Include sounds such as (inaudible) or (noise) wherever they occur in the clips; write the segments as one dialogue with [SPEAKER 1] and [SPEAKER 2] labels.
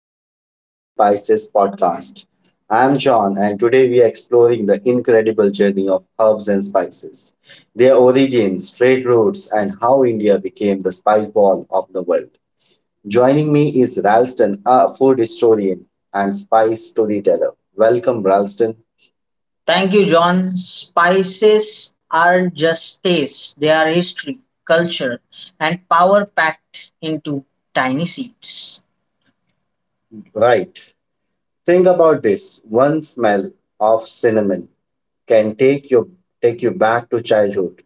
[SPEAKER 1] Herbs and Spices podcast. I'm John, and today we are exploring the incredible journey of herbs and spices, their origins, trade routes, and how India became the spice ball of the world. Joining me is Ralston, a food historian and spice storyteller. Welcome, Ralston. Thank you, John. Spices aren't just taste, they are history, culture, and power packed into tiny seeds. Right. Think about this. One smell of cinnamon can take you back to childhood.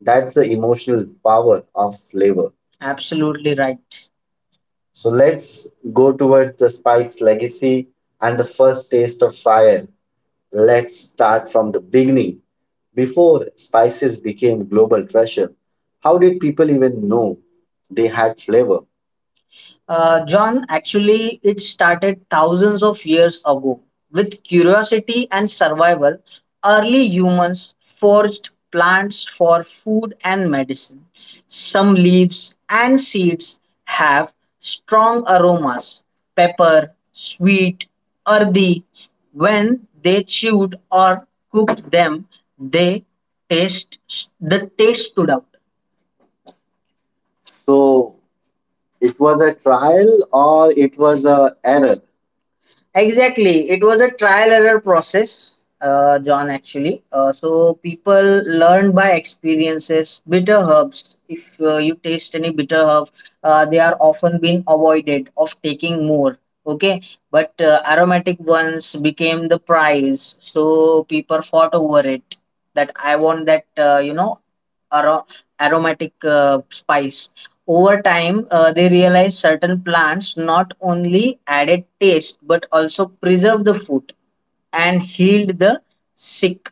[SPEAKER 1] That's the emotional power of flavor. Absolutely right. So let's go towards the spice legacy and the first taste of fire. Let's start from the beginning. Before spices became global treasure, how did people even know they had flavor? John, actually, it started thousands of years ago. With curiosity and survival, early humans foraged plants for food and medicine. Some leaves and seeds have strong aromas pepper, sweet, earthy. When they chewed or cooked them, they taste the taste stood out. So it was a trial or it was a error? Exactly. It was a trial error process, John, actually. So people learn by experiences. Bitter herbs, if you taste any bitter herb, they are often being avoided of taking more. Okay. But aromatic ones became the prize. So people fought over it that I want that, aro- aromatic spice. Over time, they realized certain plants not only added taste but also preserved the food and healed the sick.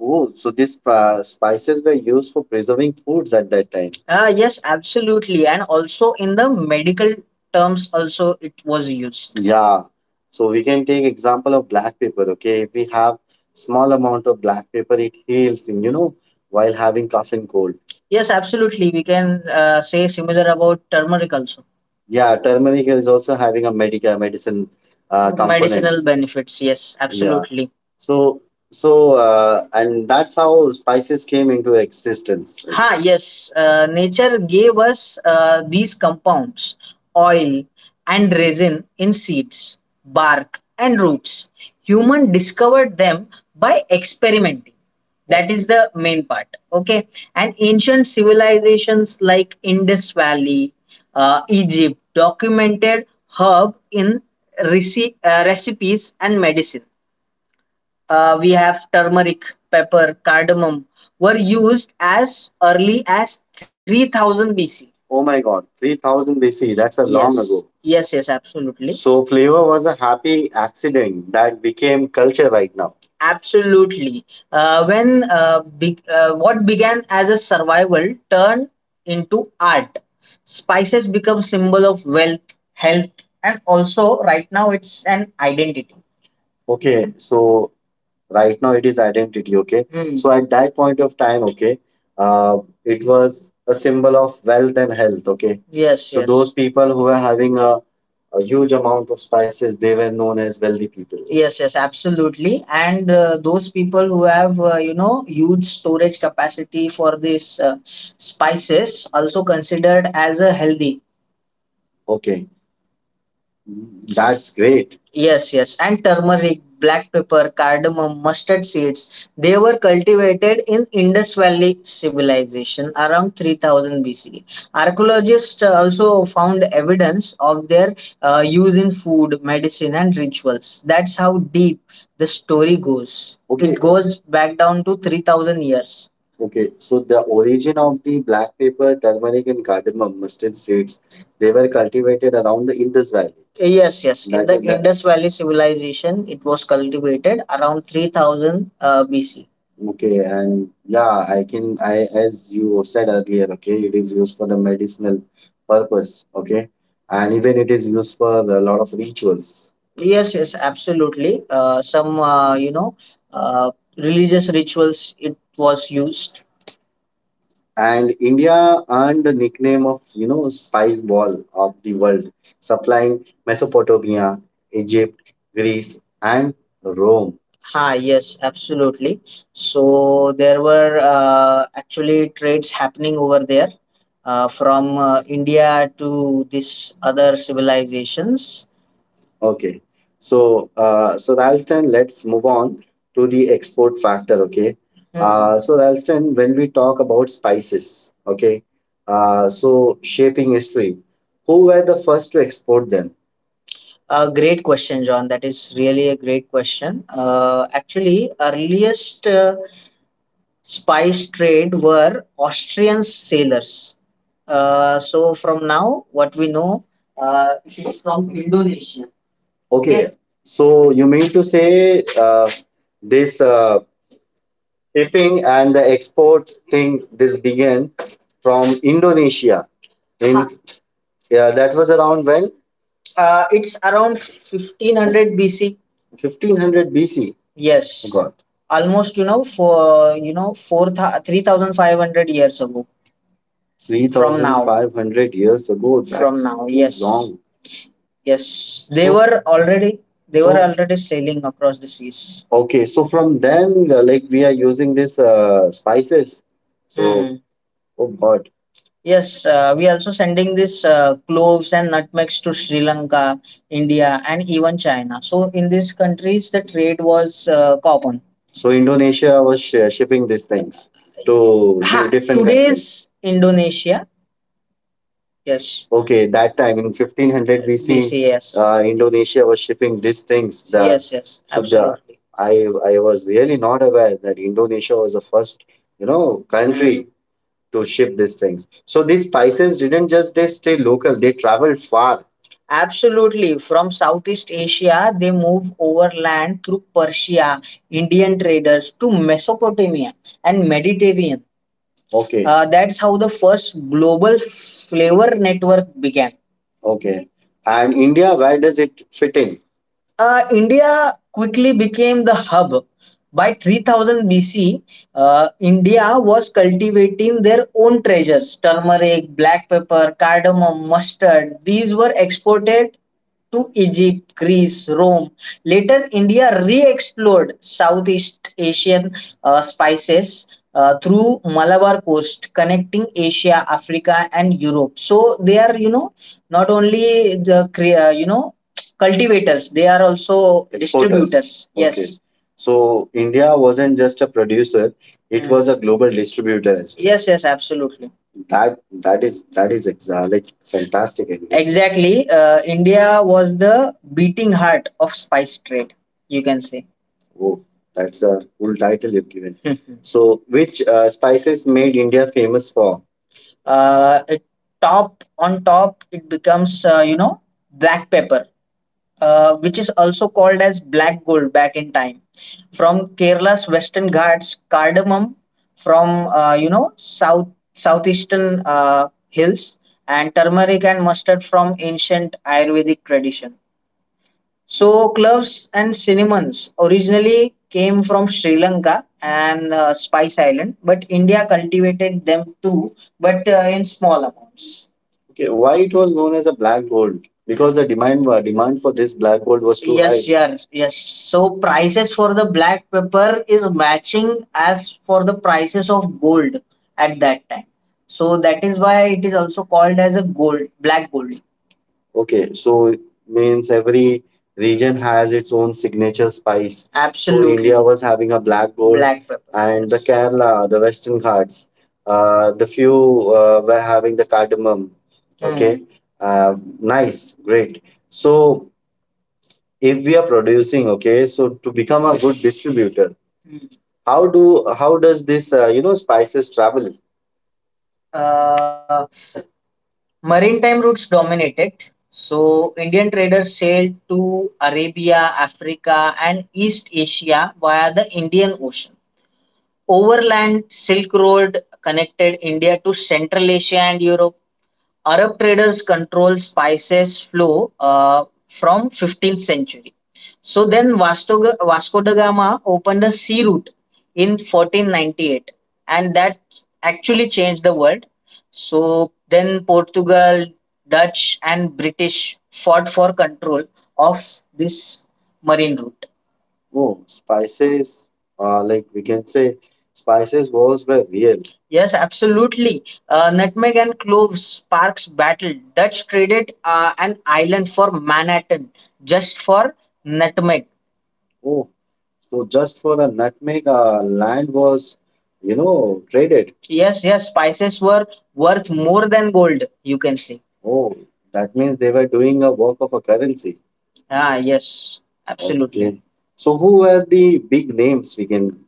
[SPEAKER 1] Oh, so these spices were used for preserving foods at that time. Ah, yes, absolutely. And also in the medical terms, also it was used. Yeah. So we can take example of black pepper. Okay, if we have small amount of black pepper, it heals. You know, while having cough and cold. Yes, absolutely. We can say similar about turmeric also. Yeah, turmeric is also having a medical medicine component. Medicinal benefits. Yes, yeah, absolutely. So so and that's how spices came into existence. Ha, yes, nature gave us these compounds, oil and resin in seeds, bark and roots. Human discovered them by experimenting. That is the main part. Okay, and ancient civilizations like Indus Valley, Egypt documented herb in recipes and medicine we have turmeric, pepper, cardamom were used as early as 3000 BC. Oh my god, 3000 BC, that's a long yes. ago. Yes, yes, absolutely. So, flavor was a happy accident that became culture right now. Absolutely. What began as a survival turned into art. Spices become symbol of wealth, health, and also right now it's an identity. Okay, so right now it is identity, okay. Hmm. So at that point of time, okay, uh, it was a symbol of wealth and health, okay. Yes, so yes, those people who were having a huge amount of spices they were known as wealthy people. Yes, yes, absolutely. And those people who have, huge storage capacity for these spices also considered as a healthy. Okay, that's great. Yes, yes. And turmeric, black pepper, cardamom, mustard seeds. They were cultivated in Indus Valley civilization around 3000 BCE. Archaeologists also found evidence of their use in food, medicine, and rituals. That's how deep the story goes. Okay, it goes back down to 3000 years. Okay. So the origin of the black pepper, turmeric, and cardamom mustard seeds, they were cultivated around the Indus Valley. Yes, yes. In That the is that. Indus Valley civilization, it was cultivated around 3000 BC. Okay, and yeah, I can I as you said earlier, okay, it is used for the medicinal purpose, okay, and even it is used for a lot of rituals. Yes, yes, absolutely. Some, uh, religious rituals it was used and India earned the nickname of you know spice ball of the world, supplying Mesopotamia, Egypt, Greece, and Rome. Ah, yes, absolutely. So there were actually trades happening over there from India to these other civilizations. Okay. So Ralston, let's move on to the export factor. Okay. Hmm. So Ralston, when we talk about spices, okay. So shaping history, who were the first to export them? A great question, John. That is really a great question. Actually, earliest spice trade were Austrian sailors. So from now, what we know, it is from Indonesia. Okay, yes. So you mean to say this shipping and the export thing this began from Indonesia in. Huh. Yeah, that was around when? It's around 1500 BC. 1500 BC. Yes. Got. Almost, you know, for, you know, 4, 3,500 years ago. From now. 3,500 years ago. From that's now, too Yes. long. Yes, they So, were already they were so already sailing across the seas. Okay. So from then, like we are using this spices. So, hmm. Oh God. Yes, we also sending this cloves and nutmegs to Sri Lanka, India, and even China. So in these countries, the trade was common. So Indonesia was shipping these things Ha, different countries. Today's Indonesia. Yes. Okay, that time in 1500 BC. BC, yes. Indonesia was shipping these things. Yes, yes. Absolutely. I was really not aware that Indonesia was the first, you know, country. Mm. To ship these things. So these spices didn't just they stay local; they traveled far. Absolutely. From Southeast Asia, they move overland through Persia, Indian traders to Mesopotamia and Mediterranean. Okay. That's how the first global flavor network began. Okay. And India, where does it fit in? India quickly became the hub. By 3000 BC, India was cultivating their own treasures turmeric, black pepper, cardamom, mustard. These were exported to Egypt, Greece, Rome. Later, India re explored Southeast Asian spices through Malabar coast, connecting Asia, Africa, and Europe. So, they are, you know, not only the, cultivators, they are also exporters, distributors. Okay, yes. So India wasn't just a producer; it, mm, was a global distributor as well. Yes, yes, absolutely. That that is fantastic idea. Exactly, India was the beating heart of spice trade, you can say. Oh, that's a cool title you've given. (laughs) So, which spices made India famous for? It, top on top it becomes black pepper which is also called as black gold back in time, from Kerala's Western Ghats cardamom from, south southeastern hills, and turmeric and mustard from ancient Ayurvedic tradition. So cloves and cinnamons originally came from Sri Lanka and Spice Island, but India cultivated them too, but in small amounts. Okay, why it was known as a black gold? Because the demand demand for this black gold was too, yes, high. Yes, yes, yes. So prices for the black pepper is matching as for the prices of gold at that time. So that is why it is also called as a gold, black gold. Okay, so means every region has its own signature spice. So, absolutely, India was having a black gold, black pepper, and the, yes, Kerala, the Western Ghats, the few were having the cardamom. Okay, mm. uh, Nice, great. So if we are producing, okay, so to become a good distributor, mm, how do how does this spices travel? Uh, Maritime routes dominated. So, Indian traders sailed to Arabia, Africa, and East Asia via the Indian Ocean. Overland Silk Road connected India to Central Asia and Europe. Arab traders controlled spices flow from 15th century. So then Vasco da Gama opened a sea route in 1498 and that actually changed the world. So then Portugal, Dutch and British fought for control of this marine route. Oh, spices, like we can say, spices wars were real. Yes, absolutely. Nutmeg and cloves sparks battle. Dutch traded an island for Manhattan just for nutmeg. Oh, so just for the nutmeg, land was, you know, traded. Yes, yes, spices were worth more than gold, you can see. Oh, that means they were doing a work of a currency. Ah, yes, absolutely. Okay. So who were the big names we can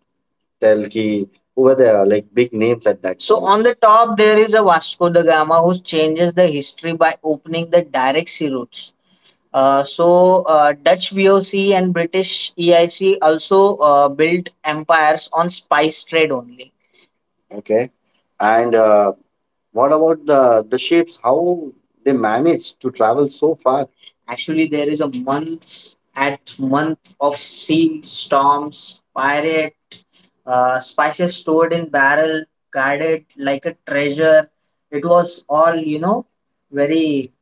[SPEAKER 1] tell ki who were the big names at that So point? On the top, there is a Vasco da Gama who changes the history by opening the direct sea routes. Dutch VOC and British EIC also built empires on spice trade only. Okay. And what about the ships? How they managed to travel so far? Actually, there is a month at month of sea storms, pirate, spices stored in barrel, guarded like a treasure. It was all, you know, very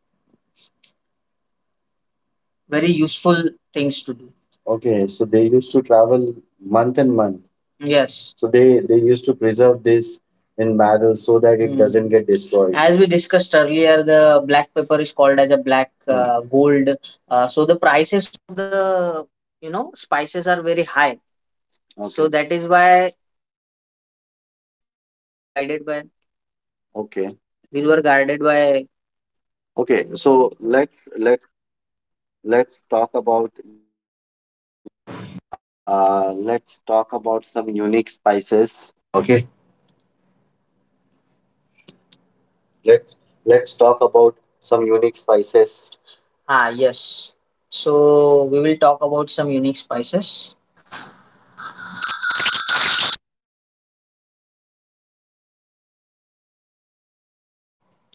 [SPEAKER 1] very useful things to do. Okay, so they used to travel month and month. Yes. So they used to preserve this in barrels so that it, mm, doesn't get destroyed. As we discussed earlier, the black pepper is called as a black, mm, gold. uh, Let, let's talk about some unique spices. Ah, yes. So we will talk about some unique spices.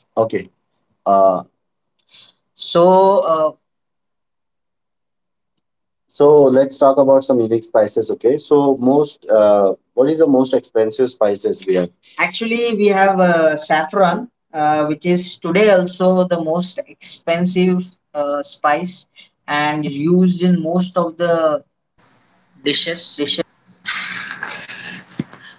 [SPEAKER 1] Okay. Uh, So, uh, so let's talk about some unique spices. Okay. So most, what is the most expensive spices we have? Actually, we have saffron, which is today also the most expensive spice and is used in most of the
[SPEAKER 2] Dishes.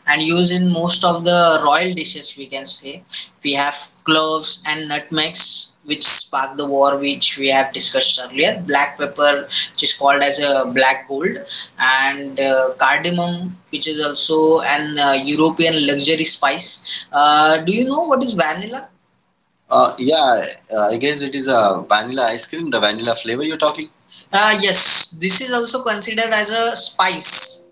[SPEAKER 2] And used in most of the royal dishes, we can say. We have cloves and nutmegs which spark the war which we have discussed earlier. Black pepper which is called as a black gold. And cardamom which is also an European luxury spice. Do you know what is vanilla? Yeah, I guess it is a vanilla ice cream, the vanilla flavor you're talking. Yes, this is also considered as a spice.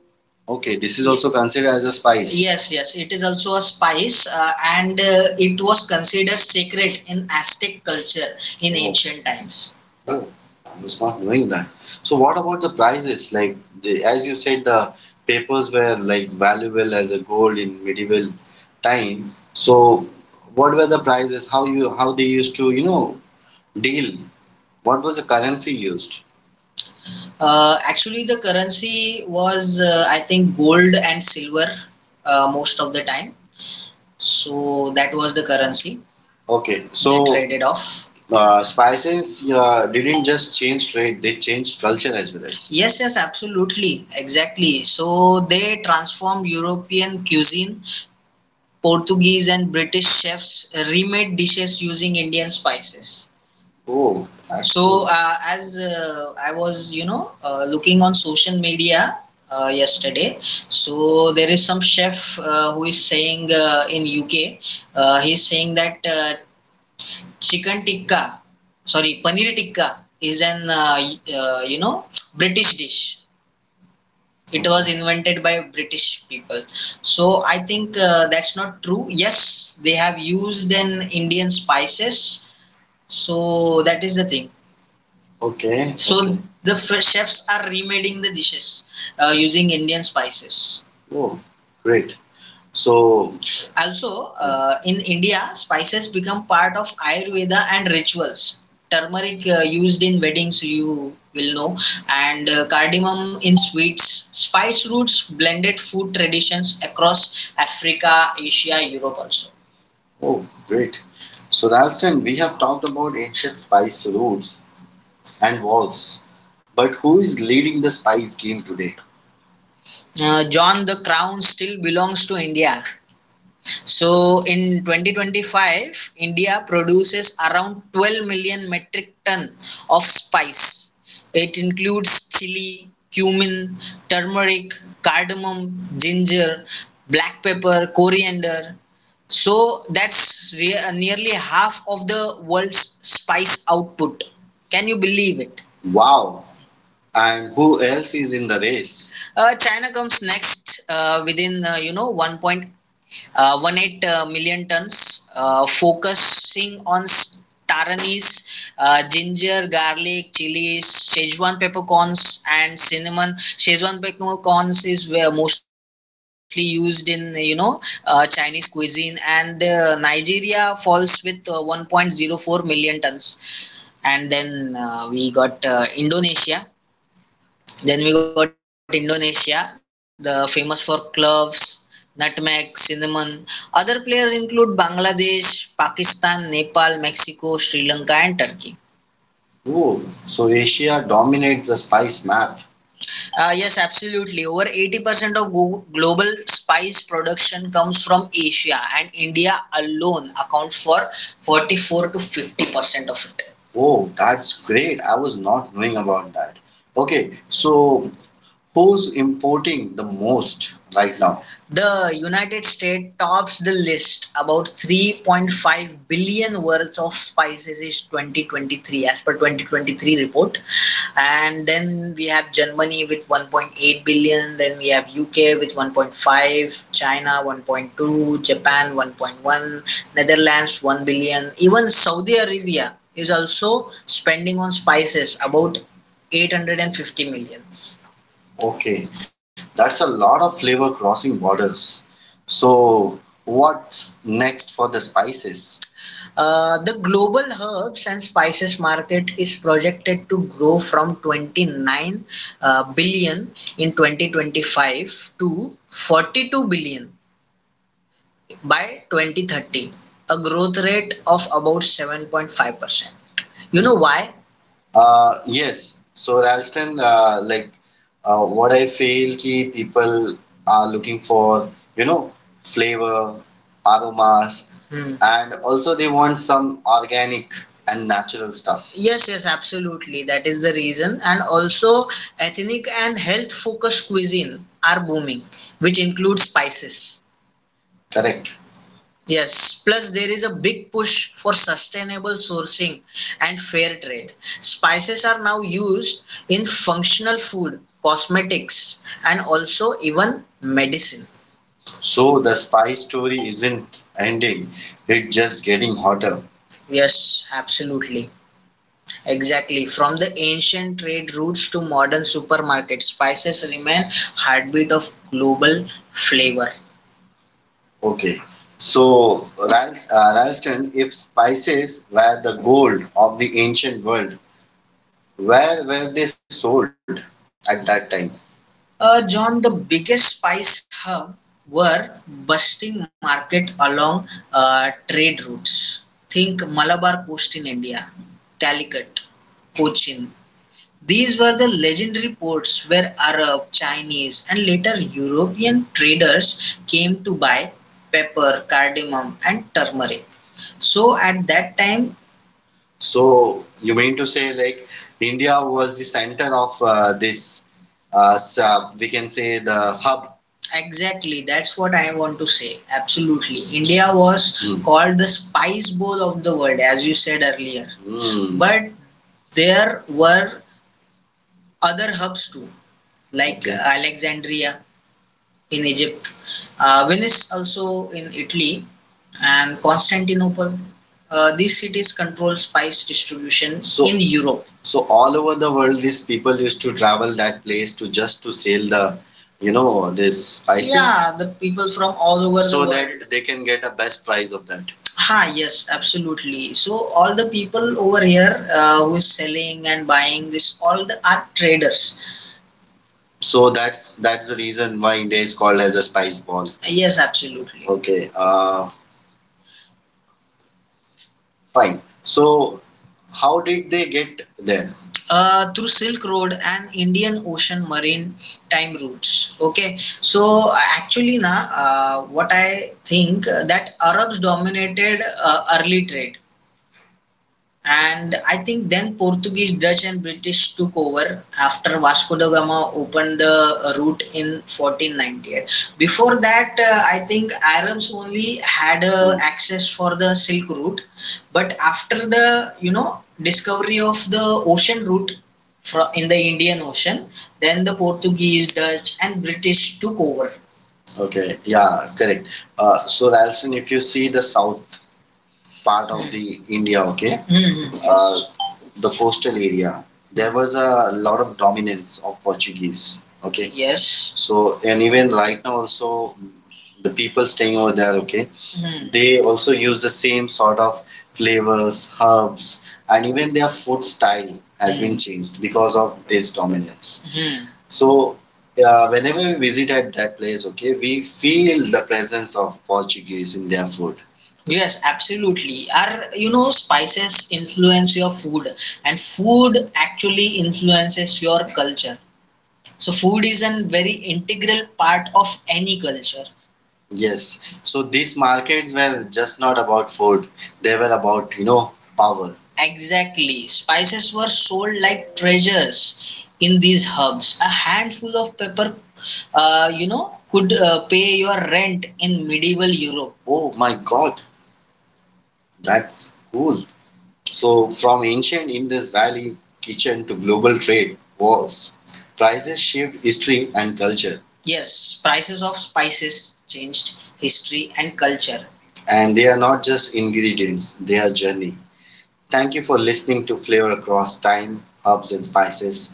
[SPEAKER 2] Okay, this is also considered as a spice. Yes, yes, it is also a spice, and it was considered sacred in Aztec culture in oh, ancient times. Oh, I was not knowing that. So what about the prices? Like, as you said, the papers were like valuable as a gold in medieval time. So what were the prices? How they used to deal? What was the currency used? Actually, the currency was, I think, gold and silver most of the time. So that was the currency. Okay, they so traded off. Spices didn't just change trade; they changed culture as well as. Yes, yes, absolutely, exactly. So they transformed European cuisine. Portuguese and British chefs remade dishes using Indian spices. Oh, that's so cool. As I was, looking on social media yesterday, so there is some chef who is saying in UK, he's saying that chicken tikka, sorry, paneer tikka is an, British dish. It was, okay, invented by British people. So I think that's not true. Yes, they have used an Indian spices. So that is the thing. Okay. So, okay, chefs are remaking the dishes using Indian spices. Oh, great. So, also, in India, spices become part of Ayurveda and rituals. Turmeric used in weddings, you will know, and cardamom in sweets. Spice roots blended food traditions across Africa, Asia, Europe also. Oh, great. So, Ralston, we have talked about ancient spice roots and was. But who is leading the spice game today? John, the crown still belongs to India. So in 2025, India produces around 12 million metric ton of spice. It includes chili, cumin, turmeric, cardamom, ginger, black pepper, coriander. So that's nearly half of the world's spice output. Can you believe it? Wow, and who else is in the race? China comes next within one point one eight million tons, focusing on taranis, ginger, garlic, chilies, Szechuan peppercorns, and cinnamon. Szechuan peppercorns is where mostly used in Chinese cuisine, and Nigeria falls with 1.04 million tons, and then we got Indonesia then we got Indonesia, the famous for cloves, nutmeg, cinnamon. Other players include Bangladesh, Pakistan, Nepal, Mexico, Sri Lanka, and Turkey. Oh, so Asia dominates the spice map. Yes, absolutely. Over 80% of global spice production comes from Asia, and India alone accounts for 44 to 50% of it. Oh, that's great. I was not knowing about that. Okay, so who's importing the most right now? The United States tops the list. About 3.5 billion worth of spices is 2023 as per 2023 report. And then we have Germany with 1.8 billion, then we have UK with 1.5, China 1.2, Japan 1.1, Netherlands 1 billion. Even Saudi Arabia is also spending on spices about 850 millions. Okay, that's a lot of flavor crossing borders. So, what's next for the spices? The global herbs and spices market is projected to grow from 29 billion in 2025 to 42 billion by 2030, a growth rate of about 7.5%. You know why? Yes. So, Ralston, what I feel ki people are looking for, you know, flavor, aromas. Hmm. And also they want some organic and natural stuff. Yes, yes, absolutely. That is the reason. And also, ethnic and health focused cuisine are booming, which includes spices. Correct. Yes, plus there is a big push for sustainable sourcing and fair trade. Spices are now used in functional food, cosmetics, and also even medicine. So the spice story isn't ending, it's just getting hotter. Yes, absolutely. Exactly. From the ancient trade routes to modern supermarkets, spices remain heartbeat of global flavor. Okay. So, Ralston, if spices were the gold of the ancient world, where were they sold at that time? John, the biggest spice hub were busting market along trade routes. Think Malabar coast in India, Calicut, Cochin, these were the legendary ports where Arab, Chinese, and later European traders came to buy pepper, cardamom, and turmeric. So at that time, you mean to say like India was the center of this, we can say, the hub. Exactly, that's what I want to say. Absolutely. India was, mm, called the spice bowl of the world, as you said earlier. Mm. But there were other hubs too, like, okay, Alexandria, in Egypt, Venice also in Italy, and Constantinople. These cities control spice distribution, in Europe. So all over the world, these people used to travel that place to just to sell the, you know, this spices. Yeah, the people from all over the world, that they can get a best price of that. Ha, yes, absolutely. So all the people over here who is selling and buying this, all the are traders. So that's the reason why India is called as a spice ball. Yes, absolutely. Okay, fine. So how did they get there? Through Silk Road and Indian Ocean marine time routes. Okay, so actually, na what I think that Arabs dominated early trade. And I think then Portuguese, Dutch, and British took over after Vasco da Gama opened the route in 1498. Before that, I think Arabs only had access for the Silk Route, but after the discovery of the ocean route from in the Indian Ocean, then the Portuguese, Dutch, and British took over. Okay, yeah, correct. So, Ralston, if you see the South part of the India, okay. Mm-hmm. The coastal area, there was a lot of dominance of Portuguese, okay. Yes. So and even right now also, the people staying over there, okay, they also use the same sort of flavors, herbs, and even their food style has been, mhm, changed because of this dominance. Hmm. So, whenever we visit at that place, okay, we feel the presence of Portuguese in their food. Yes, absolutely. Are, you know, spices influence your food, and food actually influences your culture. So food is a very integral part of any culture. Yes, so these markets were just not about food, they were about, you know, power. Exactly. Spices were sold like treasures in these hubs. A handful of pepper, could pay your rent in medieval Europe. Oh my god, that's cool. So, from ancient Indus Valley kitchen to global trade wars, prices shaped history and culture. Yes, prices of spices changed history and culture. And they are not just ingredients, they are journey. Thank you for listening to Flavor Across Time, Herbs and Spices.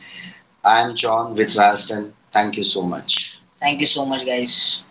[SPEAKER 2] I am John with Ralston. Thank you so much. Thank you so much, guys.